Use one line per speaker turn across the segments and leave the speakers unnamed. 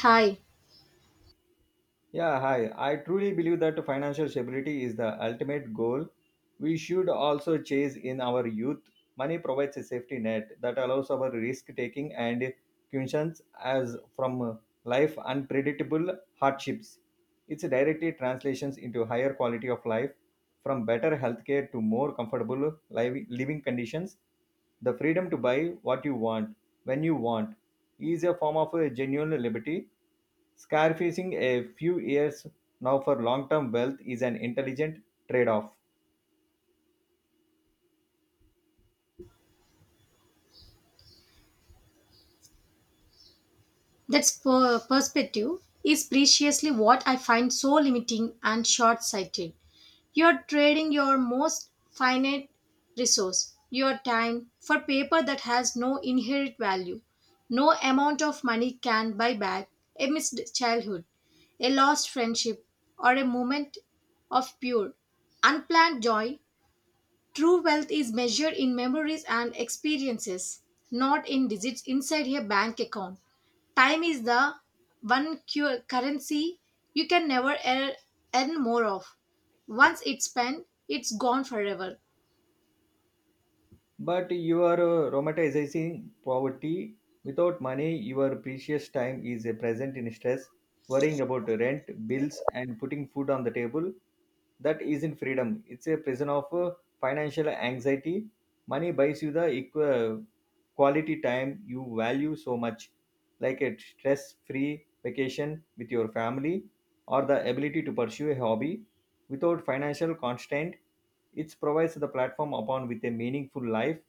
Hi,
Yeah, hi. I truly believe that financial stability is the ultimate goal. We should also chase in our youth. Money provides a safety net that allows our risk taking and cushions as from life unpredictable hardships. It's directly translations into higher quality of life, from better healthcare to more comfortable living conditions. The freedom to buy what you want, when you want, is a form of a genuine liberty. Scarfacing a few years now for long term wealth is an intelligent trade off.
that's per- perspective is preciously what I find so limiting and short sighted. You're trading your most finite resource, your time, for paper that has no inherent value. No amount of money can buy back a missed childhood, a lost friendship, or a moment of pure, unplanned joy. True wealth is measured in memories and experiences, not in digits inside a bank account. Time is the one currency you can never earn more of. Once it's spent, it's gone forever.
But you are romanticizing poverty. Without money, your precious time is present in stress, worrying about rent, bills, and putting food on the table. That isn't freedom. It's a prison of financial anxiety. Money buys you the equ. Quality time you value so much, like a stress free vacation with your family or the ability to pursue a hobby without financial constraint. It provides the platform upon with a meaningful life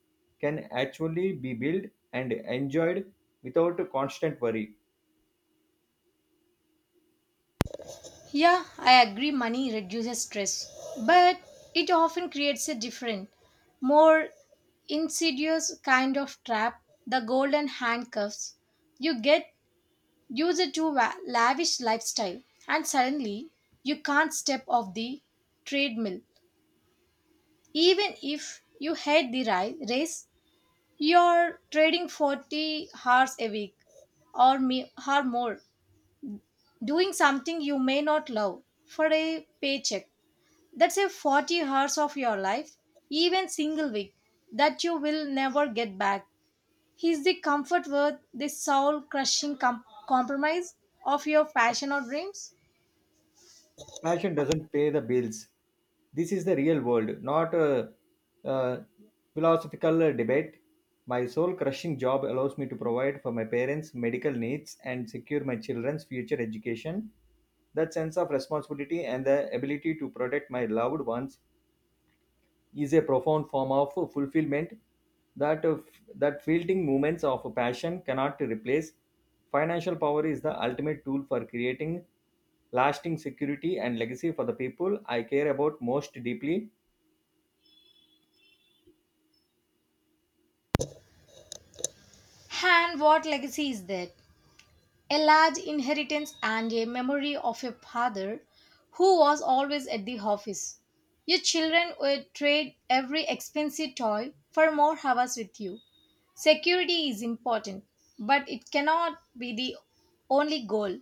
can actually be built and enjoyed without constant worry.
Yeah, I agree money reduces stress, but it often creates a different, more insidious kind of trap, the golden handcuffs you get. Use it to lavish lifestyle, and suddenly you can't step off the treadmill. Even if you hate the race, you're trading 40 hours a week, or more, doing something you may not love for a paycheck. That's a 40 hours of your life, even single week, that you will never get back. Is the comfort worth the soul crushing compromise of your passion or dreams?
Passion doesn't pay the bills. This is the real world, not a philosophical debate. My soul crushing job allows me to provide for my parents' medical needs and secure my children's future education. That sense of responsibility and the ability to protect my loved ones is a profound form of fulfillment that uh, that fielding moments of passion cannot replace. Financial power is the ultimate tool for creating lasting security and legacy for the people I care about most deeply.
And what legacy is that? A large inheritance and a memory of a father who was always at the office. Your children would trade every expensive toy for more hours with you. Security is important, but it cannot be the only goal.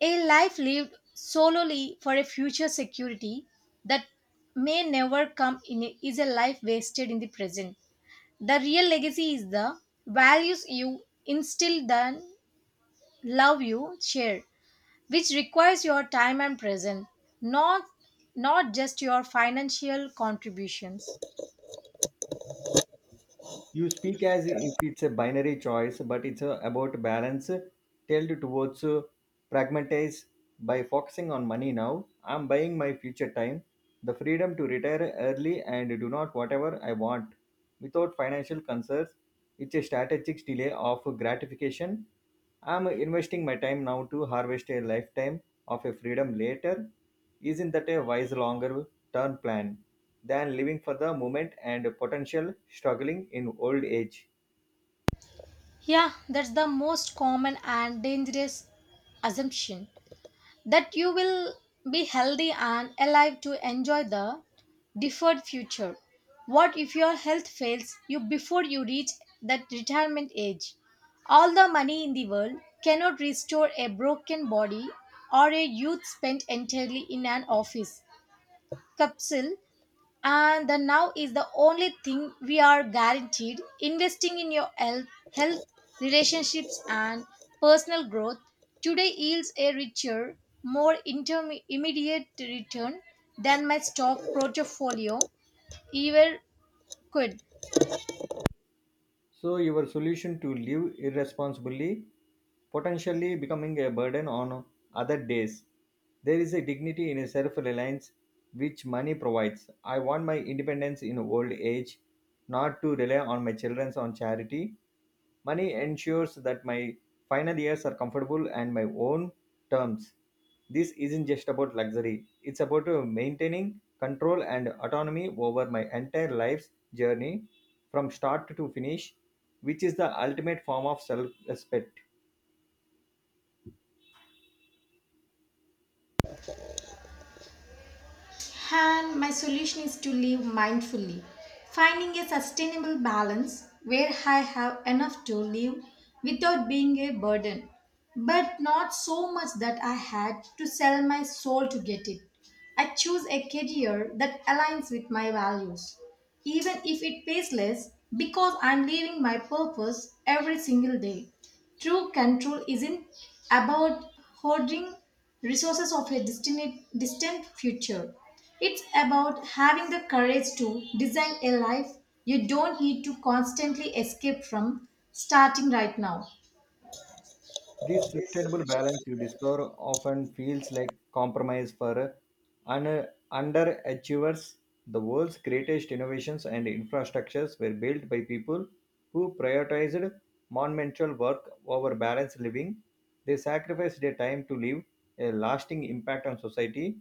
A life lived solely for a future security that may never come in is a life wasted in the present. The real legacy is the values you instill, then love you share, which requires your time and presence, not not just your financial contributions.
You speak as if it's a binary choice, but it's about balance, tilted towards pragmatize. By focusing on money now, I'm buying my future time, the freedom to retire early and do not whatever I want without financial concerns. It's a strategic delay of gratification. I'm investing my time now to harvest a lifetime of a freedom later. Isn't that a wise longer-term plan than living for the moment and potential struggling in old age?
Yeah, that's the most common and dangerous assumption. That you will be healthy and alive to enjoy the deferred future. What if your health fails you before you reach that retirement age? All the money in the world cannot restore a broken body or a youth spent entirely in an office capsule, and the now is the only thing we are guaranteed. Investing in your health, relationships and personal growth today yields a richer, more immediate return than my stock portfolio ever could.
So your solution to live irresponsibly, potentially becoming a burden on other days. There is a dignity in self reliance which money provides. I want my independence in old age, not to rely on my children on charity. Money ensures that my final years are comfortable and my own terms. This isn't just about luxury, it's about maintaining control and autonomy over my entire life's journey from start to finish, which is the ultimate form of self respect.
Hand, my solution is to live mindfully, finding a sustainable balance where I have enough to live without being a burden, but not so much that I had to sell my soul to get it. I choose a career that aligns with my values, even if it pays less, because I'm living my purpose every single day. True control isn't about hoarding resources of a distant future. It's about having the courage to design a life you don't need to constantly escape from, starting right now.
This sustainable balance you discover often feels like compromise for un- underachievers. The world's greatest innovations and infrastructures were built by people who prioritized monumental work over balanced living. They sacrificed their time to leave a lasting impact on society.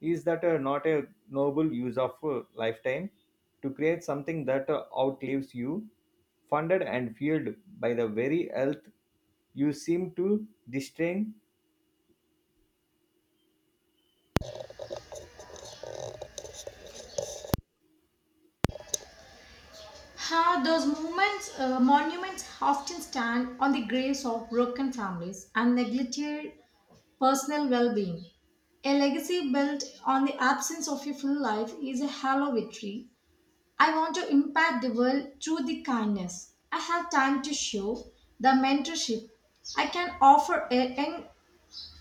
Is that not a noble use of lifetime to create something that outlives you, funded and fueled by the very earth? You seem to disdain.
How those movements, monuments often stand on the graves of broken families and neglected personal well being. A legacy built on the absence of a full life is a hollow victory. I want to impact the world through the kindness. I have time to show the mentorship I can offer a young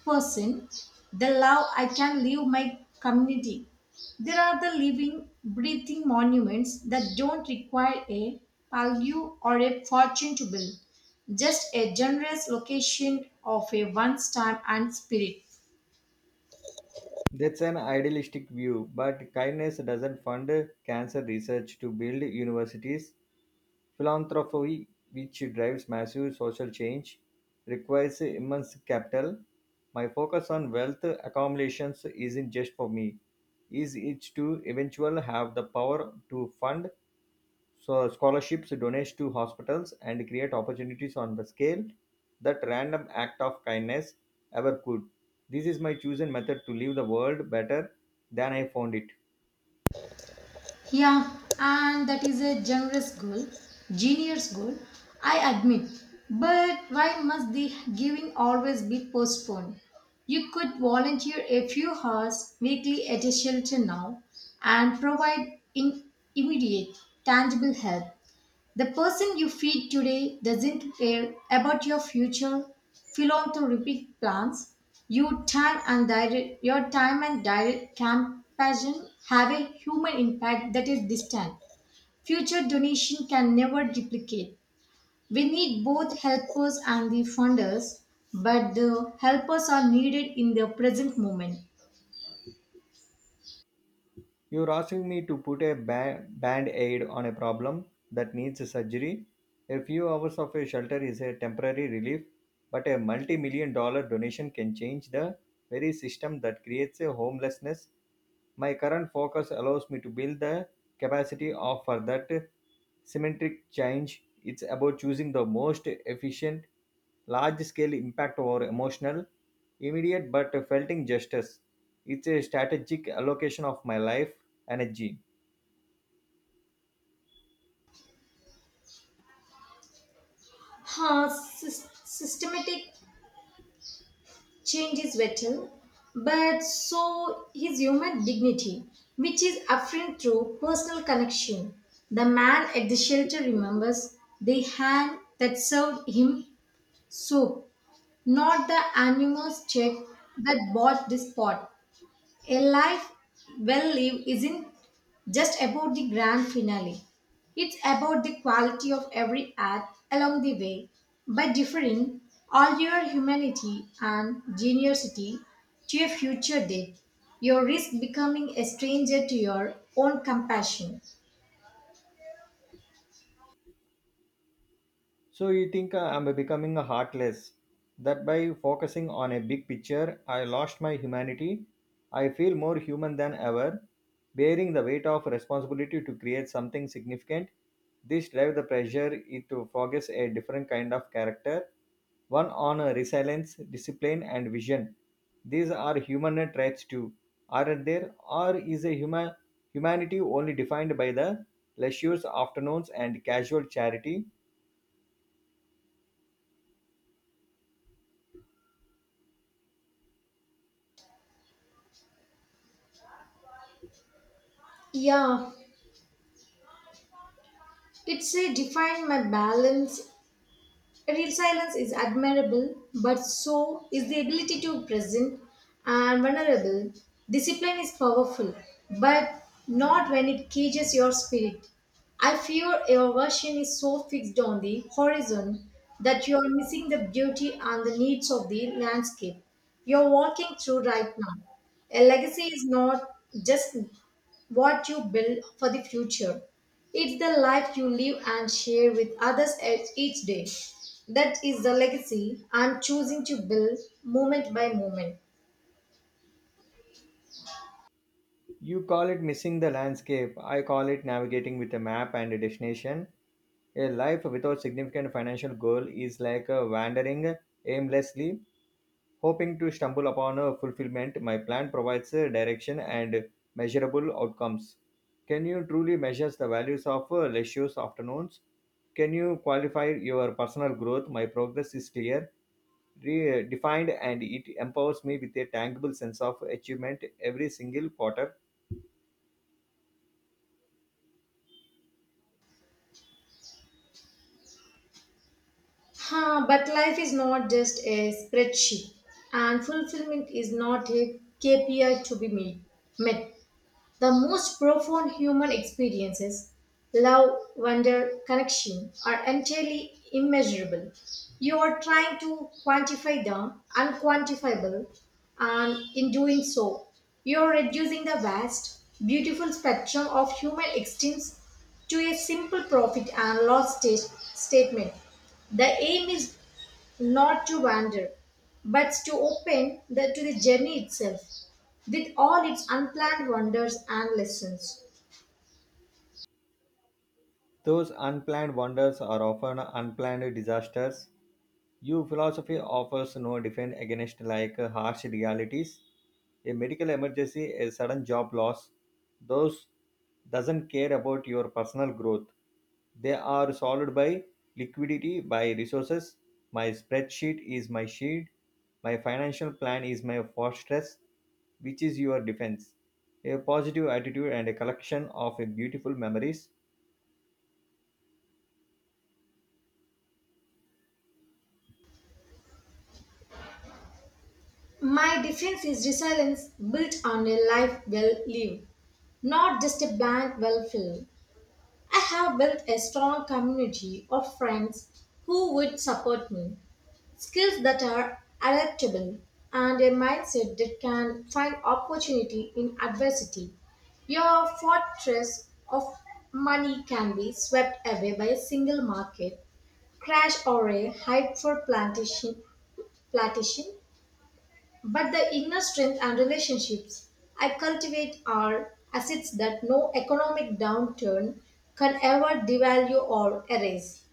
person, the love I can leave my community. There are the living, breathing monuments that don't require a pallium or a fortune to build, just a generous location of a one's time and spirit.
That's an idealistic view, but kindness doesn't fund cancer research to build universities. Philanthropy, which drives massive social change, requires immense capital. My focus on wealth accumulations isn't just for me, is it to eventually have the power to fund. So scholarships donate to hospitals and create opportunities on the scale that random act of kindness ever could. This is my chosen method to leave the world better than I found it.
Yeah, and that is a generous goal, genius goal, I admit. But why must the giving always be postponed? You could volunteer a few hours weekly at a shelter now and provide in immediate, tangible help. The person you feed today doesn't care about your future philanthropic plans. Your time and direct compassion have a human impact that is distant. Future donation can never duplicate. We need both helpers and the funders, but the helpers are needed in the present moment.
You're asking me to put a band aid on a problem that needs a surgery. A few hours of a shelter is a temporary relief, but a multi $1 million donation can change the very system that creates a homelessness. My current focus allows me to build the capacity of for that symmetric change. It's about choosing the most efficient, large scale impact over emotional, immediate but felt injustice. It's a strategic allocation of my life energy.
Huh, systematic change is vital, but so his human dignity, which is affirmed through personal connection. The man at the shelter remembers the hand that served him soup, not the anonymous check that bought this pot. A life well lived isn't just about the grand finale. It's about the quality of every act along the way. By differing all your humanity and generosity to a future day, you risk becoming a stranger to your own compassion.
So you think I'm becoming a heartless? That by focusing on a big picture, I lost my humanity. I feel more human than ever, bearing the weight of responsibility to create something significant. This drive the pressure it to focus a different kind of character, one on resilience, discipline, and vision. These are human traits too, aren't there? Or is a human humanity only defined by the leisure afternoons and casual charity?
Yeah, it's a define my balance. Real silence is admirable, but so is the ability to present and vulnerable. Discipline is powerful, but not when it cages your spirit. I fear your version is so fixed on the horizon that you are missing the beauty and the needs of the landscape you're walking through right now. A legacy is not just what you build for the future, it's the life you live and share with others each day. That is the legacy I'm choosing to build moment by moment.
You call it missing the landscape. I call it navigating with a map and a destination. A life without significant financial goal is like a wandering aimlessly, hoping to stumble upon a fulfillment. My plan provides a direction and measurable outcomes. Can you truly measure the values of lectures afternoons? Can you qualify your personal growth? My progress is clear, defined, and it empowers me with a tangible sense of achievement every single quarter.
Huh, but life is not just a spreadsheet, and fulfillment is not a KPI to be made, met. The most profound human experiences, love, wonder, connection, are entirely immeasurable. You are trying to quantify the unquantifiable, and in doing so, you are reducing the vast, beautiful spectrum of human existence to a simple profit and loss statement. The aim is not to wander, but to open to the journey itself, with all its unplanned wonders and lessons.
Those unplanned wonders are often unplanned disasters. Your philosophy offers no defense against like harsh realities, a medical emergency, a sudden job loss. Those doesn't care about your personal growth. They are solved by liquidity, by resources. My spreadsheet is my shield. My financial plan is my fortress, which is your defense. A positive attitude and a collection of beautiful memories.
My defense is resilience built on a life well lived, not just a blank well filled. I have built a strong community of friends who would support me, skills that are adaptable, and a mindset that can find opportunity in adversity. Your fortress of money can be swept away by a single market crash or a hype for plantation, but the inner strength and relationships I cultivate are assets that no economic downturn can ever devalue or erase.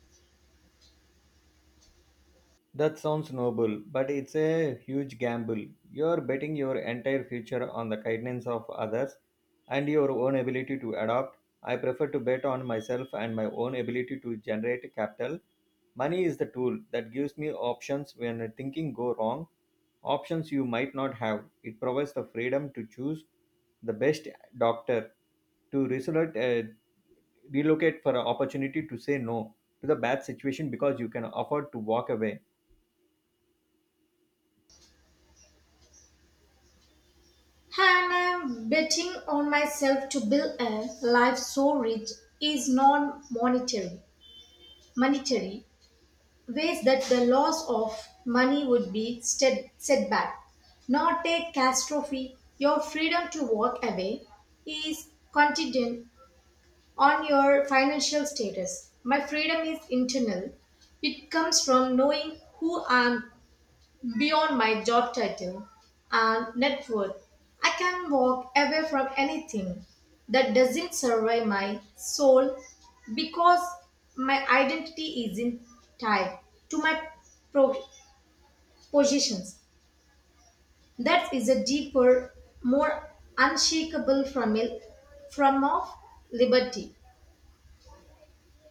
That sounds noble, but it's a huge gamble. You're betting your entire future on the kindness of others and your own ability to adapt. I prefer to bet on myself and my own ability to generate capital. Money is the tool that gives me options when thinking go wrong, options you might not have. It provides the freedom to choose the best doctor, to relocate for an opportunity to say no to the bad situation because you can afford to walk away.
And I'm betting on myself to build a life so rich is monetary ways that the loss of money would be set setback, not a catastrophe. Your freedom to walk away is contingent on your financial status. My freedom is internal. It comes from knowing who I am beyond my job title and net worth. I can walk away from anything that doesn't survive my soul because my identity isn't tied to my pro- positions. That is a deeper, more unshakable from of liberty.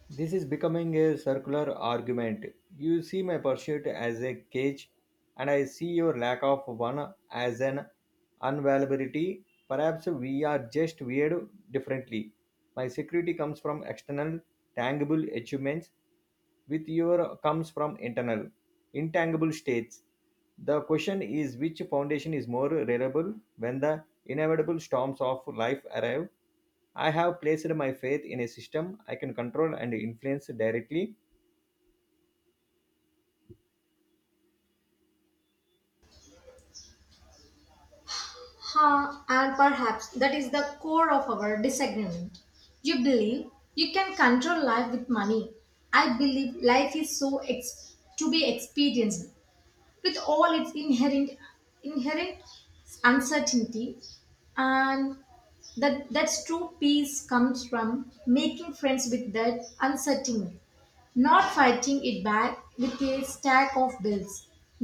This is becoming a circular argument. You see my pursuit as a cage, and I see your lack of one as an unavailability. Perhaps we are just weird differently. My security comes from external, tangible achievements with your comes from internal intangible states. The question is which foundation is more reliable when the inevitable storms of life arrive? I have placed my faith in a system I can control and influence directly.
Ha, and perhaps that is the core of our disagreement. You believe you can control life with money. I believe life is so to be experienced with all its inherent uncertainty, and that's true peace comes from making friends with that uncertainty, not fighting it back with a stack of bills.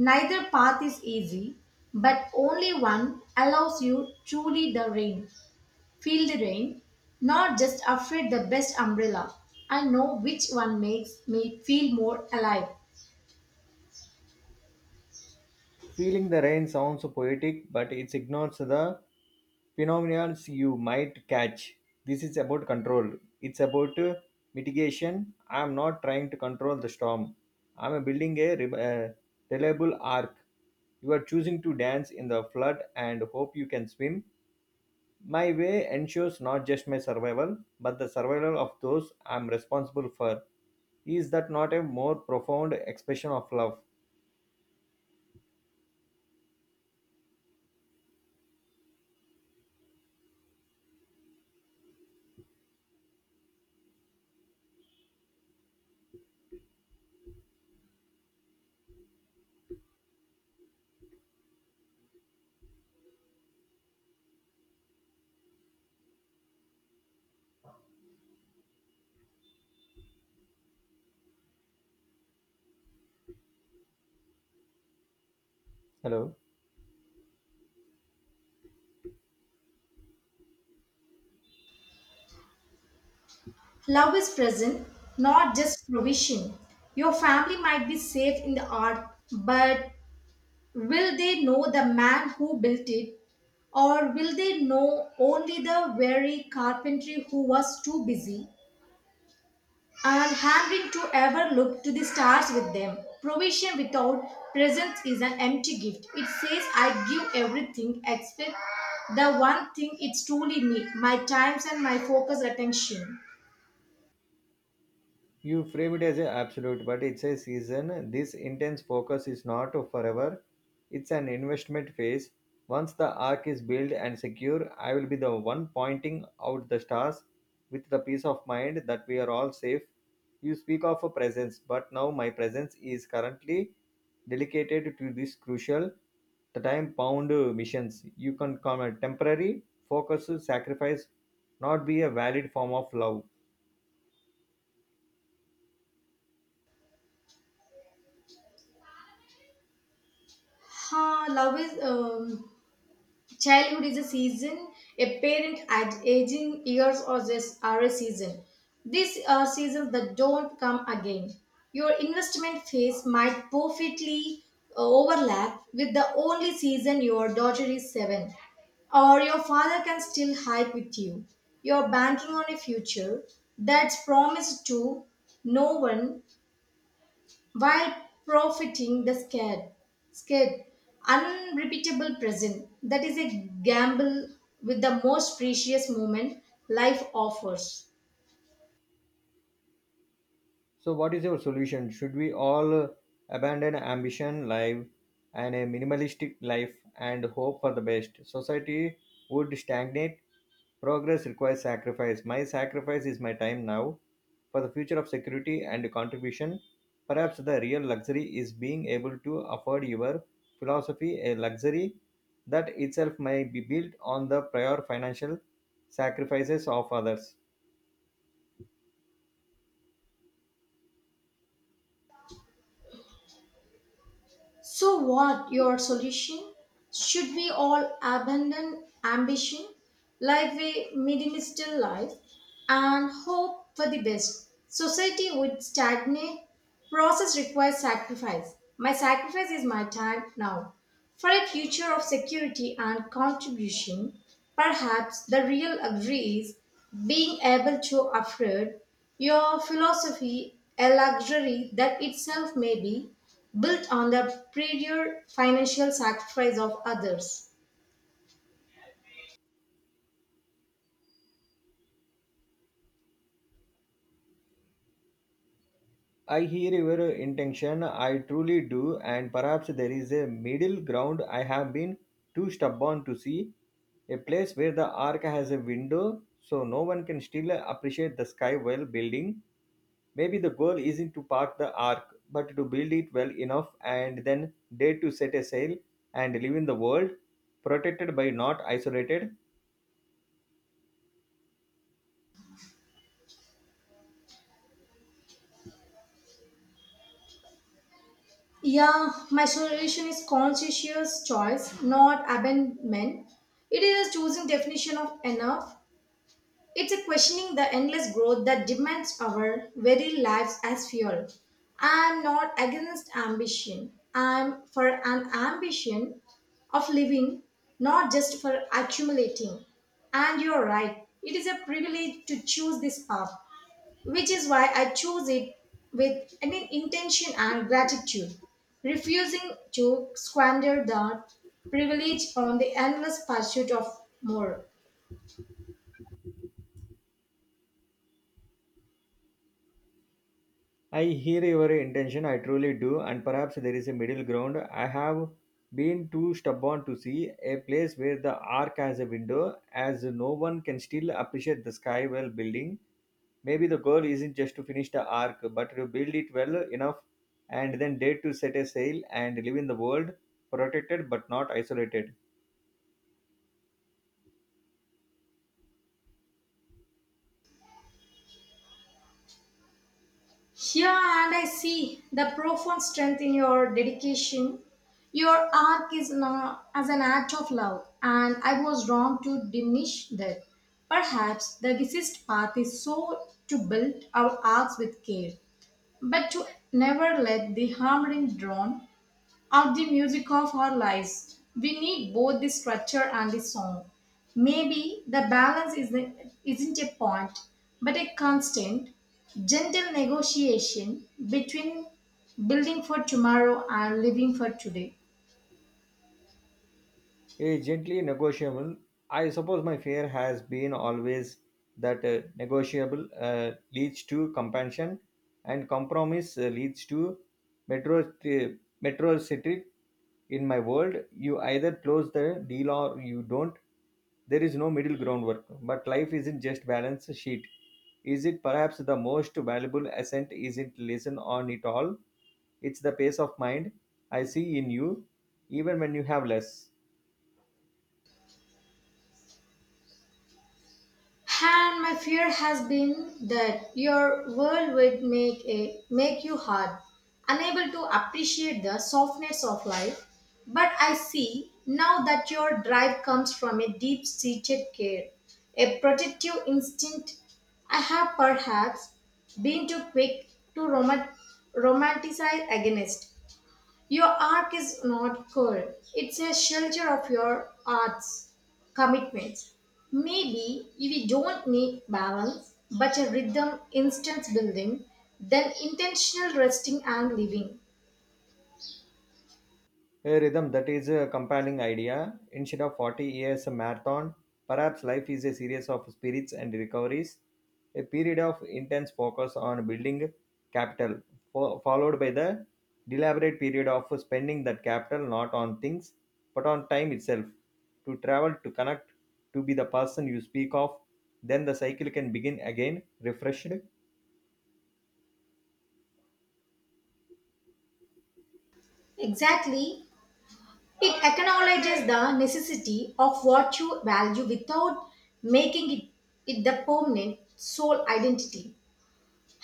Neither path is easy, but only one allows you truly the rain feel the rain, not just afraid the best umbrella. I know which one makes me feel more alive.
Feeling the rain sounds poetic, but it ignores the phenomena you might catch. This is about control. It's about mitigation. I'm not trying to control the storm. I'm building a reliable arc. You are choosing to dance in the flood and hope you can swim. My way ensures not just my survival, but the survival of those I'm responsible for. Is that not a more profound expression of love? Hello.
Love is present, not just provision. Your family might be safe in the art, but will they know the man who built it? Or will they know only the weary carpentry who was too busy and hungry to ever look to the stars with them? Provision without presence is an empty gift. It says, I give everything except the one thing it's truly me, my times and my focus attention.
You frame it as a absolute, but it's a season. This intense focus is not forever. It's an investment phase. Once the arc is built and secure, I will be the one pointing out the stars with the peace of mind that we are all safe. You speak of a presence, but now my presence is currently dedicated to this crucial, the time bound missions. You can call it temporary focus sacrifice, not be a valid form of love.
Huh, love is. Childhood is a season. A parent at aging years or this are a season. These are seasons that don't come again. Your investment phase might perfectly overlap with the only season your daughter is seven, or your father can still hike with you. You're banking on a future that's promised to no one while profiting the scared, unrepeatable present. That is a gamble with the most precious moment life offers.
So, what is your solution? Should we all abandon ambition, life, and a minimalistic life and hope for the best? Society would stagnate. Progress requires sacrifice. My sacrifice is my time now for the future of security and contribution. Perhaps the real luxury is being able to afford your philosophy, a luxury that itself may be built on the prior financial sacrifices of others.
So, what your solution? Should we all abandon ambition, live a minimalist life, and hope for the best? Society would stagnate. Process requires sacrifice. My sacrifice is my time now. For a future of security and contribution, perhaps the real luxury is being able to afford your philosophy, a luxury that itself may be built on the prior financial sacrifice of others.
I hear your intention, I truly do, and perhaps there is a middle ground I have been too stubborn to see, a place where the ark has a window so no one can still appreciate the sky while building. Maybe the goal isn't to park the ark, but to build it well enough and then dare to set a sail and live in the world, protected by not isolated.
Yeah, my solution is conscientious choice, not abandonment. It is a choosing definition of enough. It's a questioning the endless growth that demands our very lives as fuel. I'm not against ambition. I'm for an ambition of living, not just for accumulating. And you're right, it is a privilege to choose this path, which is why I choose it with an intention and gratitude, refusing to squander that privilege on the endless pursuit of more.
I hear your intention, I truly do, and perhaps there is a middle ground. I have been too stubborn to see a place where the arc has a window, as no one can still appreciate the sky while building. Maybe the goal isn't just to finish the arc, but to build it well enough and then dare to set a sail and live in the world, protected but not isolated.
Here, and I see the profound strength in your dedication. Your arc is not as an act of love, and I was wrong to diminish that. Perhaps the wisest path is so to build our arcs with care, but to never let the hammering drawn of the music of our lives. We need both the structure and the song. Maybe the balance isn't a point, but a constant, gentle negotiation between building for tomorrow and living for today.
A gently negotiable. I suppose my fear has been always that negotiable leads to compassion and compromise leads to metro metrocentric. In my world you either close the deal or you don't. There is no middle ground work, but life isn't just balance sheet, is it? Perhaps the most valuable ascent isn't lesson on it all. It's the pace of mind I see in you, even when you have less.
And my fear has been that your world would make you hard, unable to appreciate the softness of life. But I see now that your drive comes from a deep-seated care, a protective instinct. I have perhaps been too quick to romanticize against. Your arc is not cold, it's a shelter of your art's commitments. Maybe if we don't need balance, but a rhythm instance building, then intentional resting and living.
A Rhythm, that is a compelling idea. Instead of 40 years a marathon, perhaps life is a series of spirits and recoveries, a period of intense focus on building capital, followed by the deliberate period of spending that capital not on things, but on time itself, to travel, to connect, to be the person you speak of. Then the cycle can begin again, refreshed.
Exactly, it acknowledges the necessity of what you value without making it, it the permanent sole identity.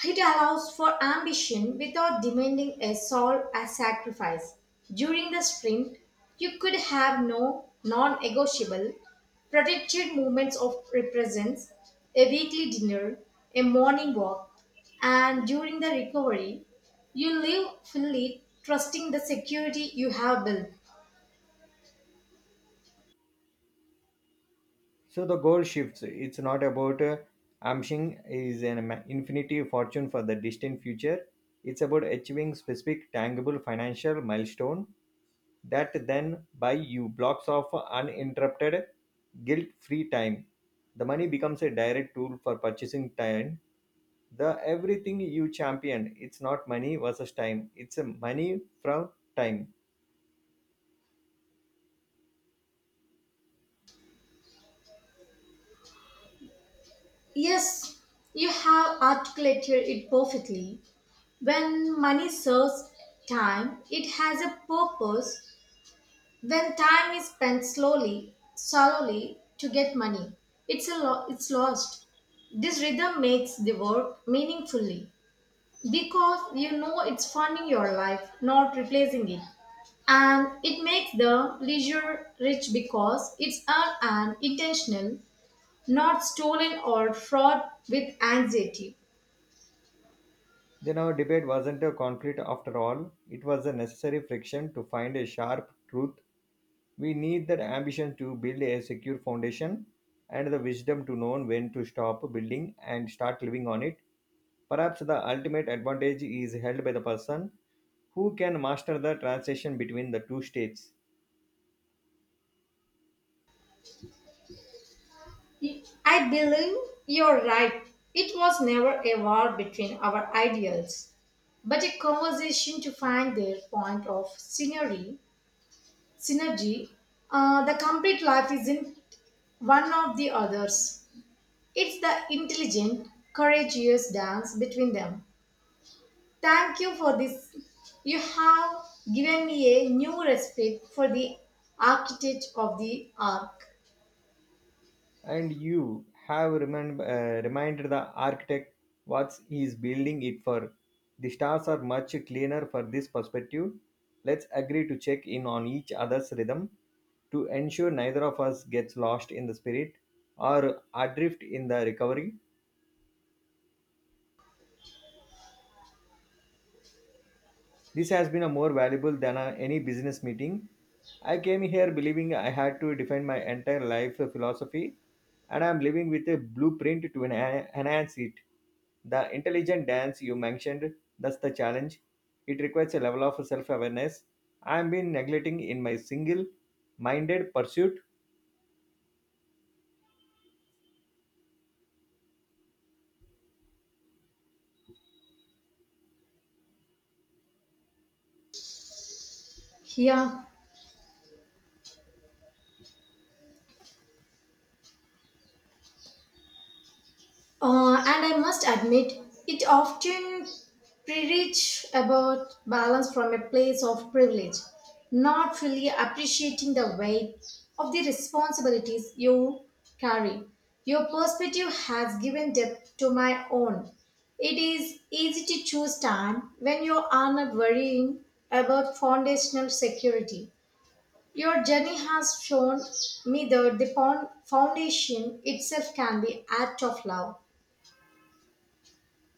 It allows for ambition without demanding a soul as sacrifice. During the sprint, you could have no non-negotiable protected movements of represents, a weekly dinner, a morning walk, and during the recovery, you live fully trusting the security you have built.
So the goal shifts. It's not about amshing is an ma- infinity fortune for the distant future. It's about achieving specific tangible financial milestone that then buy you blocks of uninterrupted, guilt-free time. The money becomes a direct tool for purchasing time. The everything you champion, it's not money versus time. It's a money from time.
Yes, you have articulated it perfectly. When money serves time, it has a purpose. Then time is spent slowly, slowly to get money. It's lost. This rhythm makes the work meaningfully because you know it's funding your life, not replacing it. And it makes the leisure rich because it's earned and intentional, not stolen or fraught with anxiety.
Then our debate wasn't a conflict after all. It was a necessary friction to find a sharp truth. We need that ambition to build a secure foundation and the wisdom to know when to stop building and start living on it. Perhaps the ultimate advantage is held by the person who can master the transition between the two states.
I believe you're right. It was never a war between our ideals, but a conversation to find their point of synergy. Synergy, the complete life is in one of the others. It's the intelligent, courageous dance between them. Thank you for this. You have given me a new respect for the architect of the arc.
And you have reminded the architect what he is building it for. The stars are much cleaner for this perspective. Let's agree to check in on each other's rhythm to ensure neither of us gets lost in the spirit or adrift in the recovery. This has been a more valuable than any business meeting. I came here believing I had to define my entire life philosophy, and I'm living with a blueprint to enhance it. The intelligent dance you mentioned, that's the challenge. It requires a level of self awareness I've been neglecting in my single minded pursuit.
Yeah. And I must admit, it often preach about balance from a place of privilege, not fully appreciating the weight of the responsibilities you carry. Your perspective has given depth to my own. It is easy to choose time when you are not worrying about foundational security. Your journey has shown me that the foundation itself can be act of love,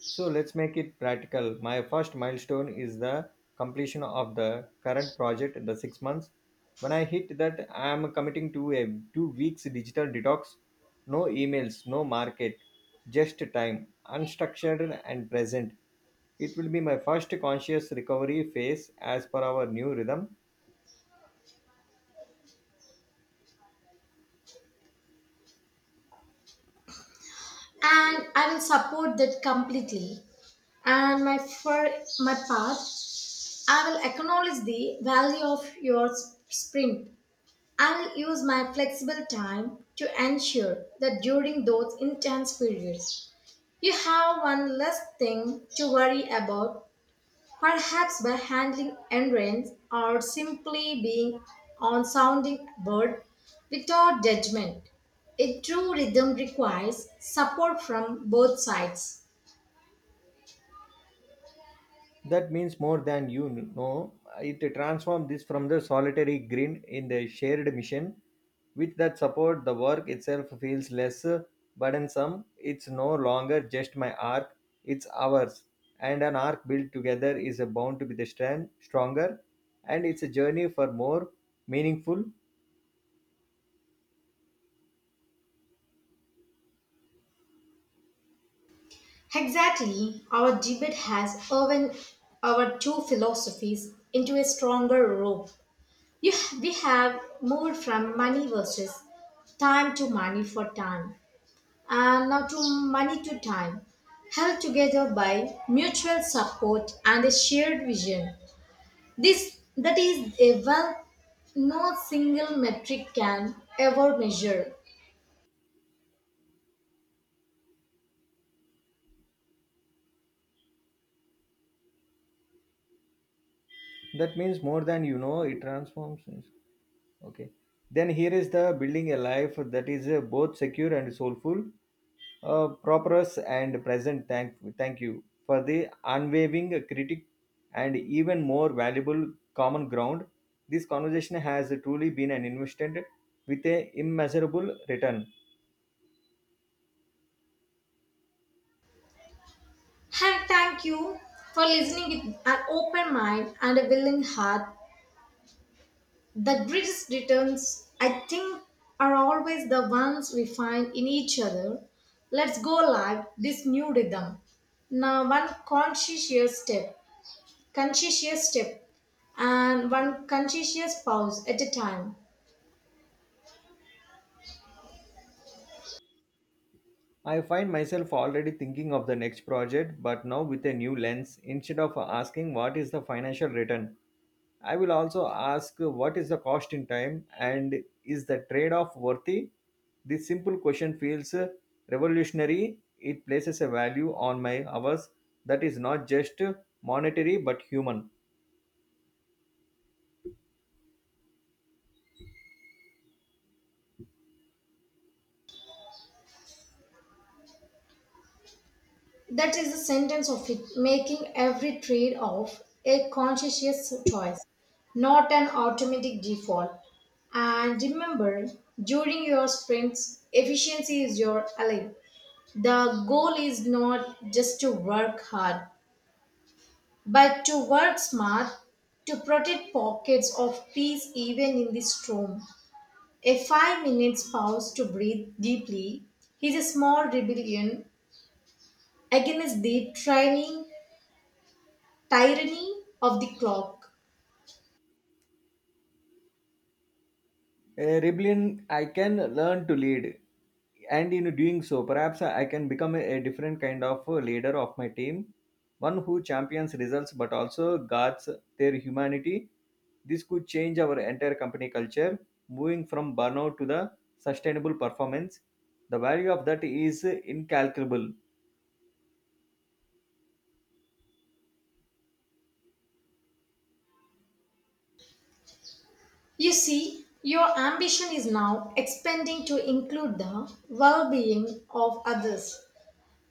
So let's make it practical. My first milestone is the completion of the current project, the 6 months. When I hit that, I am committing to a 2 weeks digital detox. No emails, no market, just time, unstructured and present. It will be my first conscious recovery phase as per our new rhythm.
and I will support that completely. And my for my part, I will acknowledge the value of your sprint. I will use my flexible time to ensure that during those intense periods, you have one less thing to worry about. Perhaps by handling errands or simply being on sounding board without judgment. A true rhythm requires support from both sides.
That means more than you know. It transformed this from the solitary grin in the shared mission. With that support, the work itself feels less burdensome. It's no longer just my arc, it's ours. And an arc built together is bound to be the strength, stronger, and it's a journey for more meaningful.
Exactly, our debate has woven our two philosophies into a stronger rope. You, we have moved from money versus time to money for time, and now to money to time, held together by mutual support and a shared vision. This that is a wealth no single metric can ever measure.
That means more than you know, it transforms. Okay. Then here is the building a life that is both secure and soulful, prosperous and present. Thank you for the unwavering critic and even more valuable common ground. This conversation has truly been an investment with a immeasurable return.
And thank you for listening with an open mind and a willing heart. The greatest returns, I think, are always the ones we find in each other. Let's go live this new rhythm. Now, conscientious step, and one conscientious pause at a time.
I find myself already thinking of the next project, but now with a new lens. Instead of asking what is the financial return, I will also ask what is the cost in time and is the trade off worthy? This simple question feels revolutionary. It places a value on my hours that is not just monetary but human.
That is the sentence of it, making every trade off a conscientious choice, not an automatic default. And remember, during your sprints, efficiency is your ally. The goal is not just to work hard, but to work smart, to protect pockets of peace even in the storm. A 5 minute pause to breathe deeply is a small rebellion against the trying tyranny of the clock.
Rebellion. I can learn to lead, and in doing so, perhaps I can become a different kind of a leader of my team, one who champions results but also guards their humanity. This could change our entire company culture, moving from burnout to the sustainable performance. The value of that is incalculable.
You see, your ambition is now expanding to include the well being of others.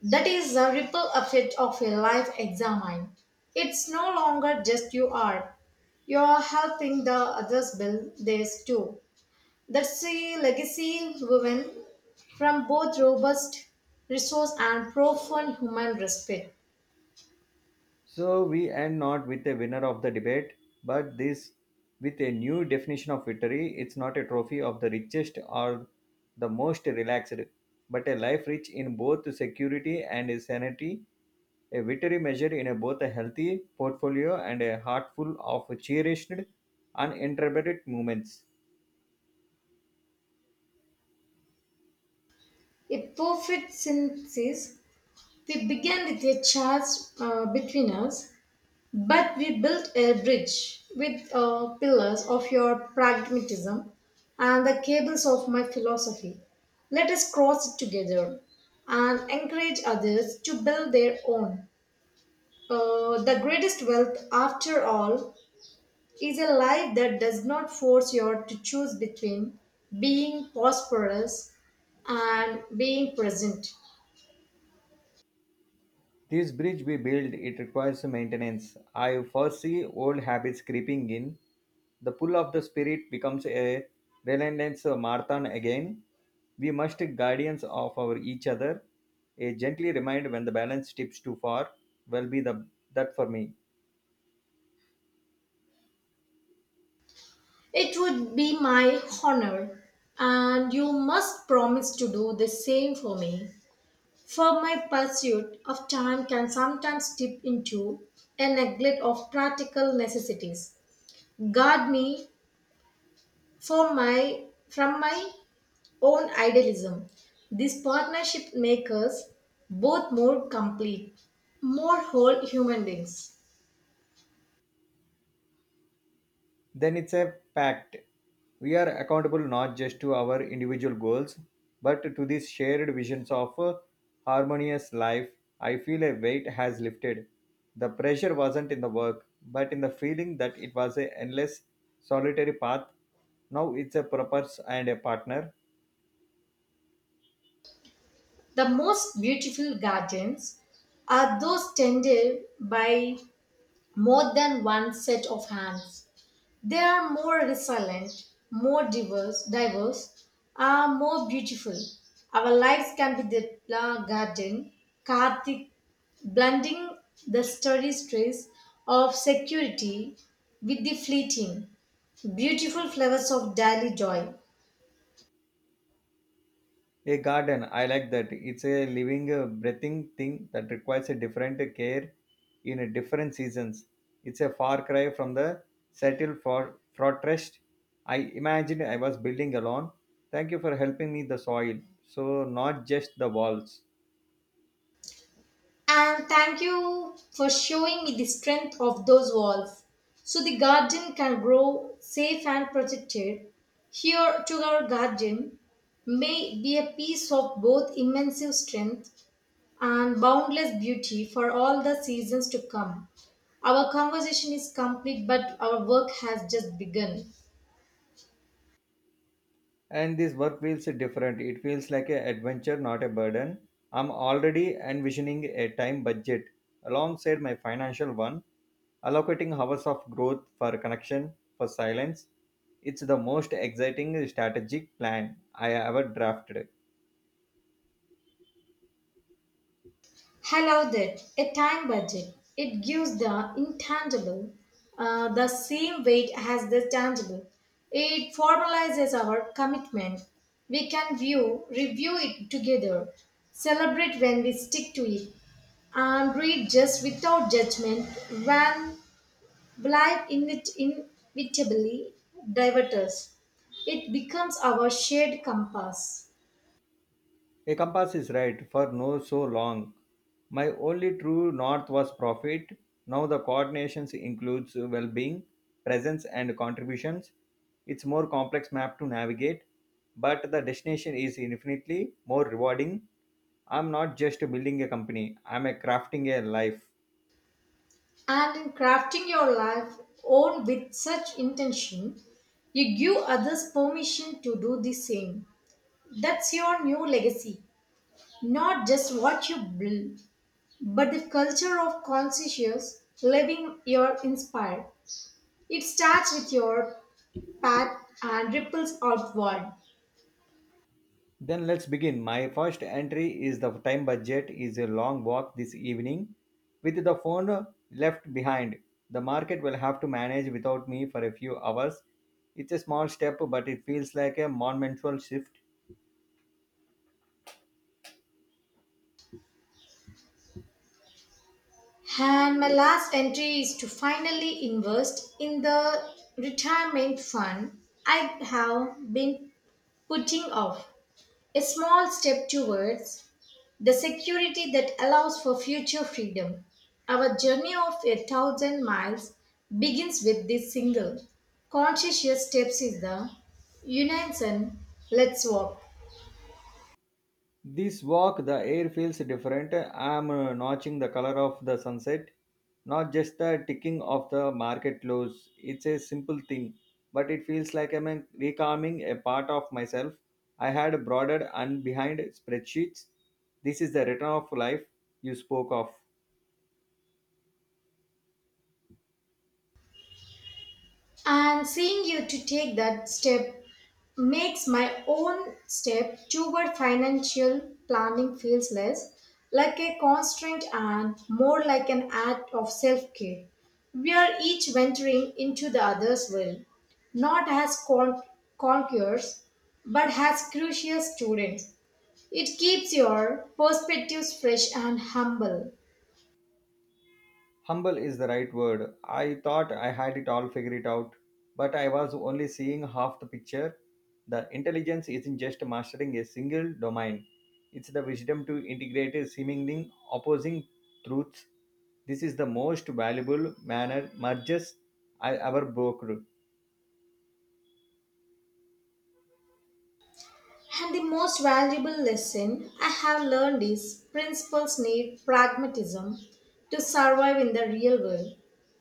That is the ripple effect of a life examine. It's no longer just you are. You are helping the others build theirs too. That's a legacy woven from both robust resource and profound human respect.
So we end not with a winner of the debate, but this with a new definition of victory. It's not a trophy of the richest or the most relaxed, but a life rich in both security and sanity. A victory measured in a both a healthy portfolio and a heart full of cherished, uninterrupted moments.
A perfect synthesis. We began with a charge between us, but we built a bridge with pillars of your pragmatism and the cables of my philosophy. Let us cross it together and encourage others to build their own. The greatest wealth, after all, is a life that does not force you to choose between being prosperous and being present.
This bridge we build, it requires maintenance. I foresee old habits creeping in. The pull of the spirit becomes a relentless marathon again. We must take guardians of our each other. A gently remind when the balance tips too far will be the that for me.
It would be my honor, and you must promise to do the same for me. For my pursuit of time can sometimes dip into a neglect of practical necessities. Guard me for my from my own idealism. This partnership makes us both more complete, more whole human beings.
Then it's a pact. We are accountable not just to our individual goals, but to these shared visions of a harmonious life. I feel a weight has lifted. The pressure wasn't in the work, but in the feeling that it was a endless, solitary path. Now it's a purpose and a partner.
The most beautiful gardens are those tended by more than one set of hands. They are more resilient, diverse, are more beautiful. Our lives can be the garden, Karthik, blending the steady stress of security with the fleeting, beautiful flowers of daily joy.
A garden, I like that. It's a living, breathing thing that requires a different care in a different seasons. It's a far cry from the settled for fortress. I imagined I was building alone. Thank you for helping me the soil, so not just the walls.
And thank you for showing me the strength of those walls so the garden can grow safe and protected. Here to our garden may be a piece of both immense strength and boundless beauty for all the seasons to come. Our conversation is complete, but our work has just begun.
And this work feels different. It feels like an adventure, not a burden. I'm already envisioning a time budget alongside my financial one, allocating hours of growth for connection, for silence. It's the most exciting strategic plan I ever drafted.
I love that. A time budget. It gives the intangible the same weight as the tangible. It formalizes our commitment. We can view, review it together, celebrate when we stick to it, and read just without judgment when life inevitably diverts us. It becomes our shared compass.
A compass is right, for no so long. My only true north was profit. Now the coordinations includes well-being, presence and contributions. It's more complex map to navigate, but the destination is infinitely more rewarding. I'm not just building a company, I'm a crafting a life.
And in crafting your life own with such intention, you give others permission to do the same. That's your new legacy. Not just what you build, but the culture of conscious living you're inspired. It starts with your path and ripples outward.
Then let's begin. My first entry is the time budget is a long walk this evening. With the phone left behind, the market will have to manage without me for a few hours. It's a small step, but it feels like a monumental shift.
And my last entry is to finally invest in the retirement fund I have been putting off. A small step towards the security that allows for future freedom. Our journey of a thousand miles begins with this single conscious steps is the unison let's walk.
This walk, the air feels different. I'm notching the color of the sunset, not just the ticking of the market close. It's a simple thing, but it feels like I'm recalming a part of myself. I had broader and behind spreadsheets. This is the return of life you spoke of.
And seeing you to take that step makes my own step toward financial planning feels less like a constraint and more like an act of self-care. We are each venturing into the other's will, not as conquerors, but as curious students. It keeps your perspectives fresh and humble.
Humble is the right word. I thought I had it all figured out, but I was only seeing half the picture. The intelligence isn't just mastering a single domain, it's the wisdom to integrate a seemingly opposing truths. This is the most valuable manner merges I ever broke.
And the most valuable lesson I have learned is principles need pragmatism to survive in the real world.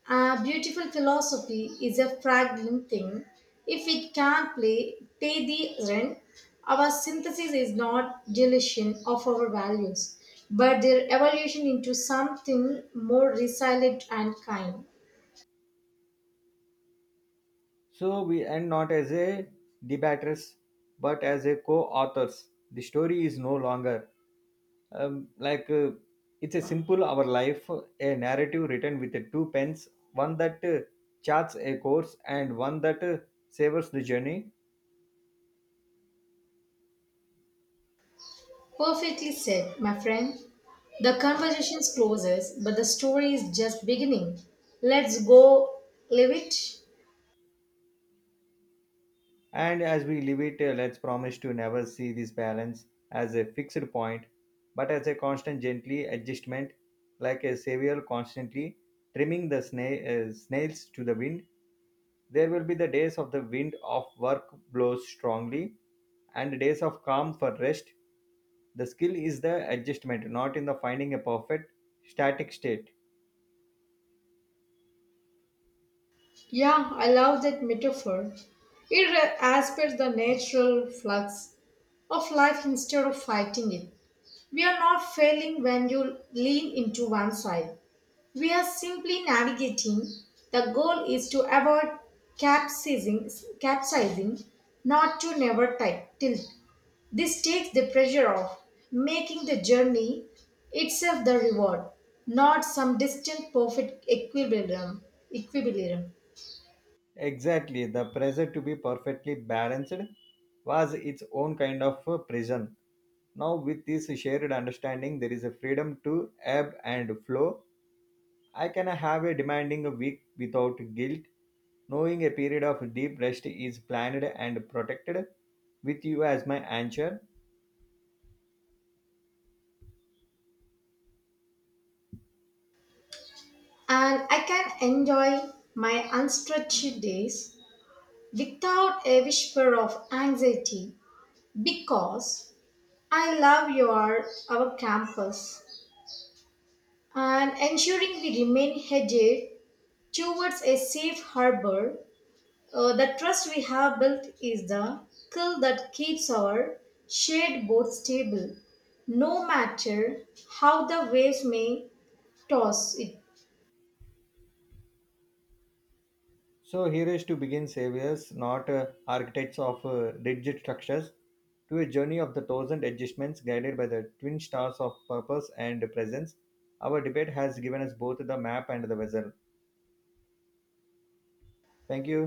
A beautiful philosophy is a fragile thing. If it can't play, pay the rent, our synthesis is not deletion of our values, but their evolution into something more resilient and kind.
So we end not as a debaters, but as a co authors. The story is no longer um, like uh, it's a simple our life, a narrative written with two pens, one that charts a course and one that savors the journey.
Perfectly said, my friend. The conversation closes, but the story is just beginning. Let's go live it.
And as we live it, let's promise to never see this balance as a fixed point but as a constant gently adjustment, like a savior constantly trimming the snails to the wind. There will be the days of the wind of work blows strongly and days of calm for rest. The skill is the adjustment, not in the finding a perfect static state.
Yeah, I love that metaphor. Aspects the natural flux of life instead of fighting it. We are not failing when you lean into one side. We are simply navigating. The goal is to avoid capsizing, capsizing, not to never ti- tilt. This takes the pressure off, making the journey itself the reward, not some distant perfect equilibrium.
Exactly, the pressure to be perfectly balanced was its own kind of a prison. Now, with this shared understanding, there is a freedom to ebb and flow. I can have a demanding week without guilt. Knowing a period of deep rest is planned and protected with you as my anchor,
And I can enjoy my unstructured days without a whisper of anxiety because I love your our campus and ensuring we remain headed towards a safe harbor. The trust we have built is the skill that keeps our shared boat stable, no matter how the waves may toss it.
so here is to begin saviors, not architects of rigid structures, to a journey of the thousand adjustments guided by the twin stars of purpose and presence. Our debate has given us both the map and the vessel. Thank you.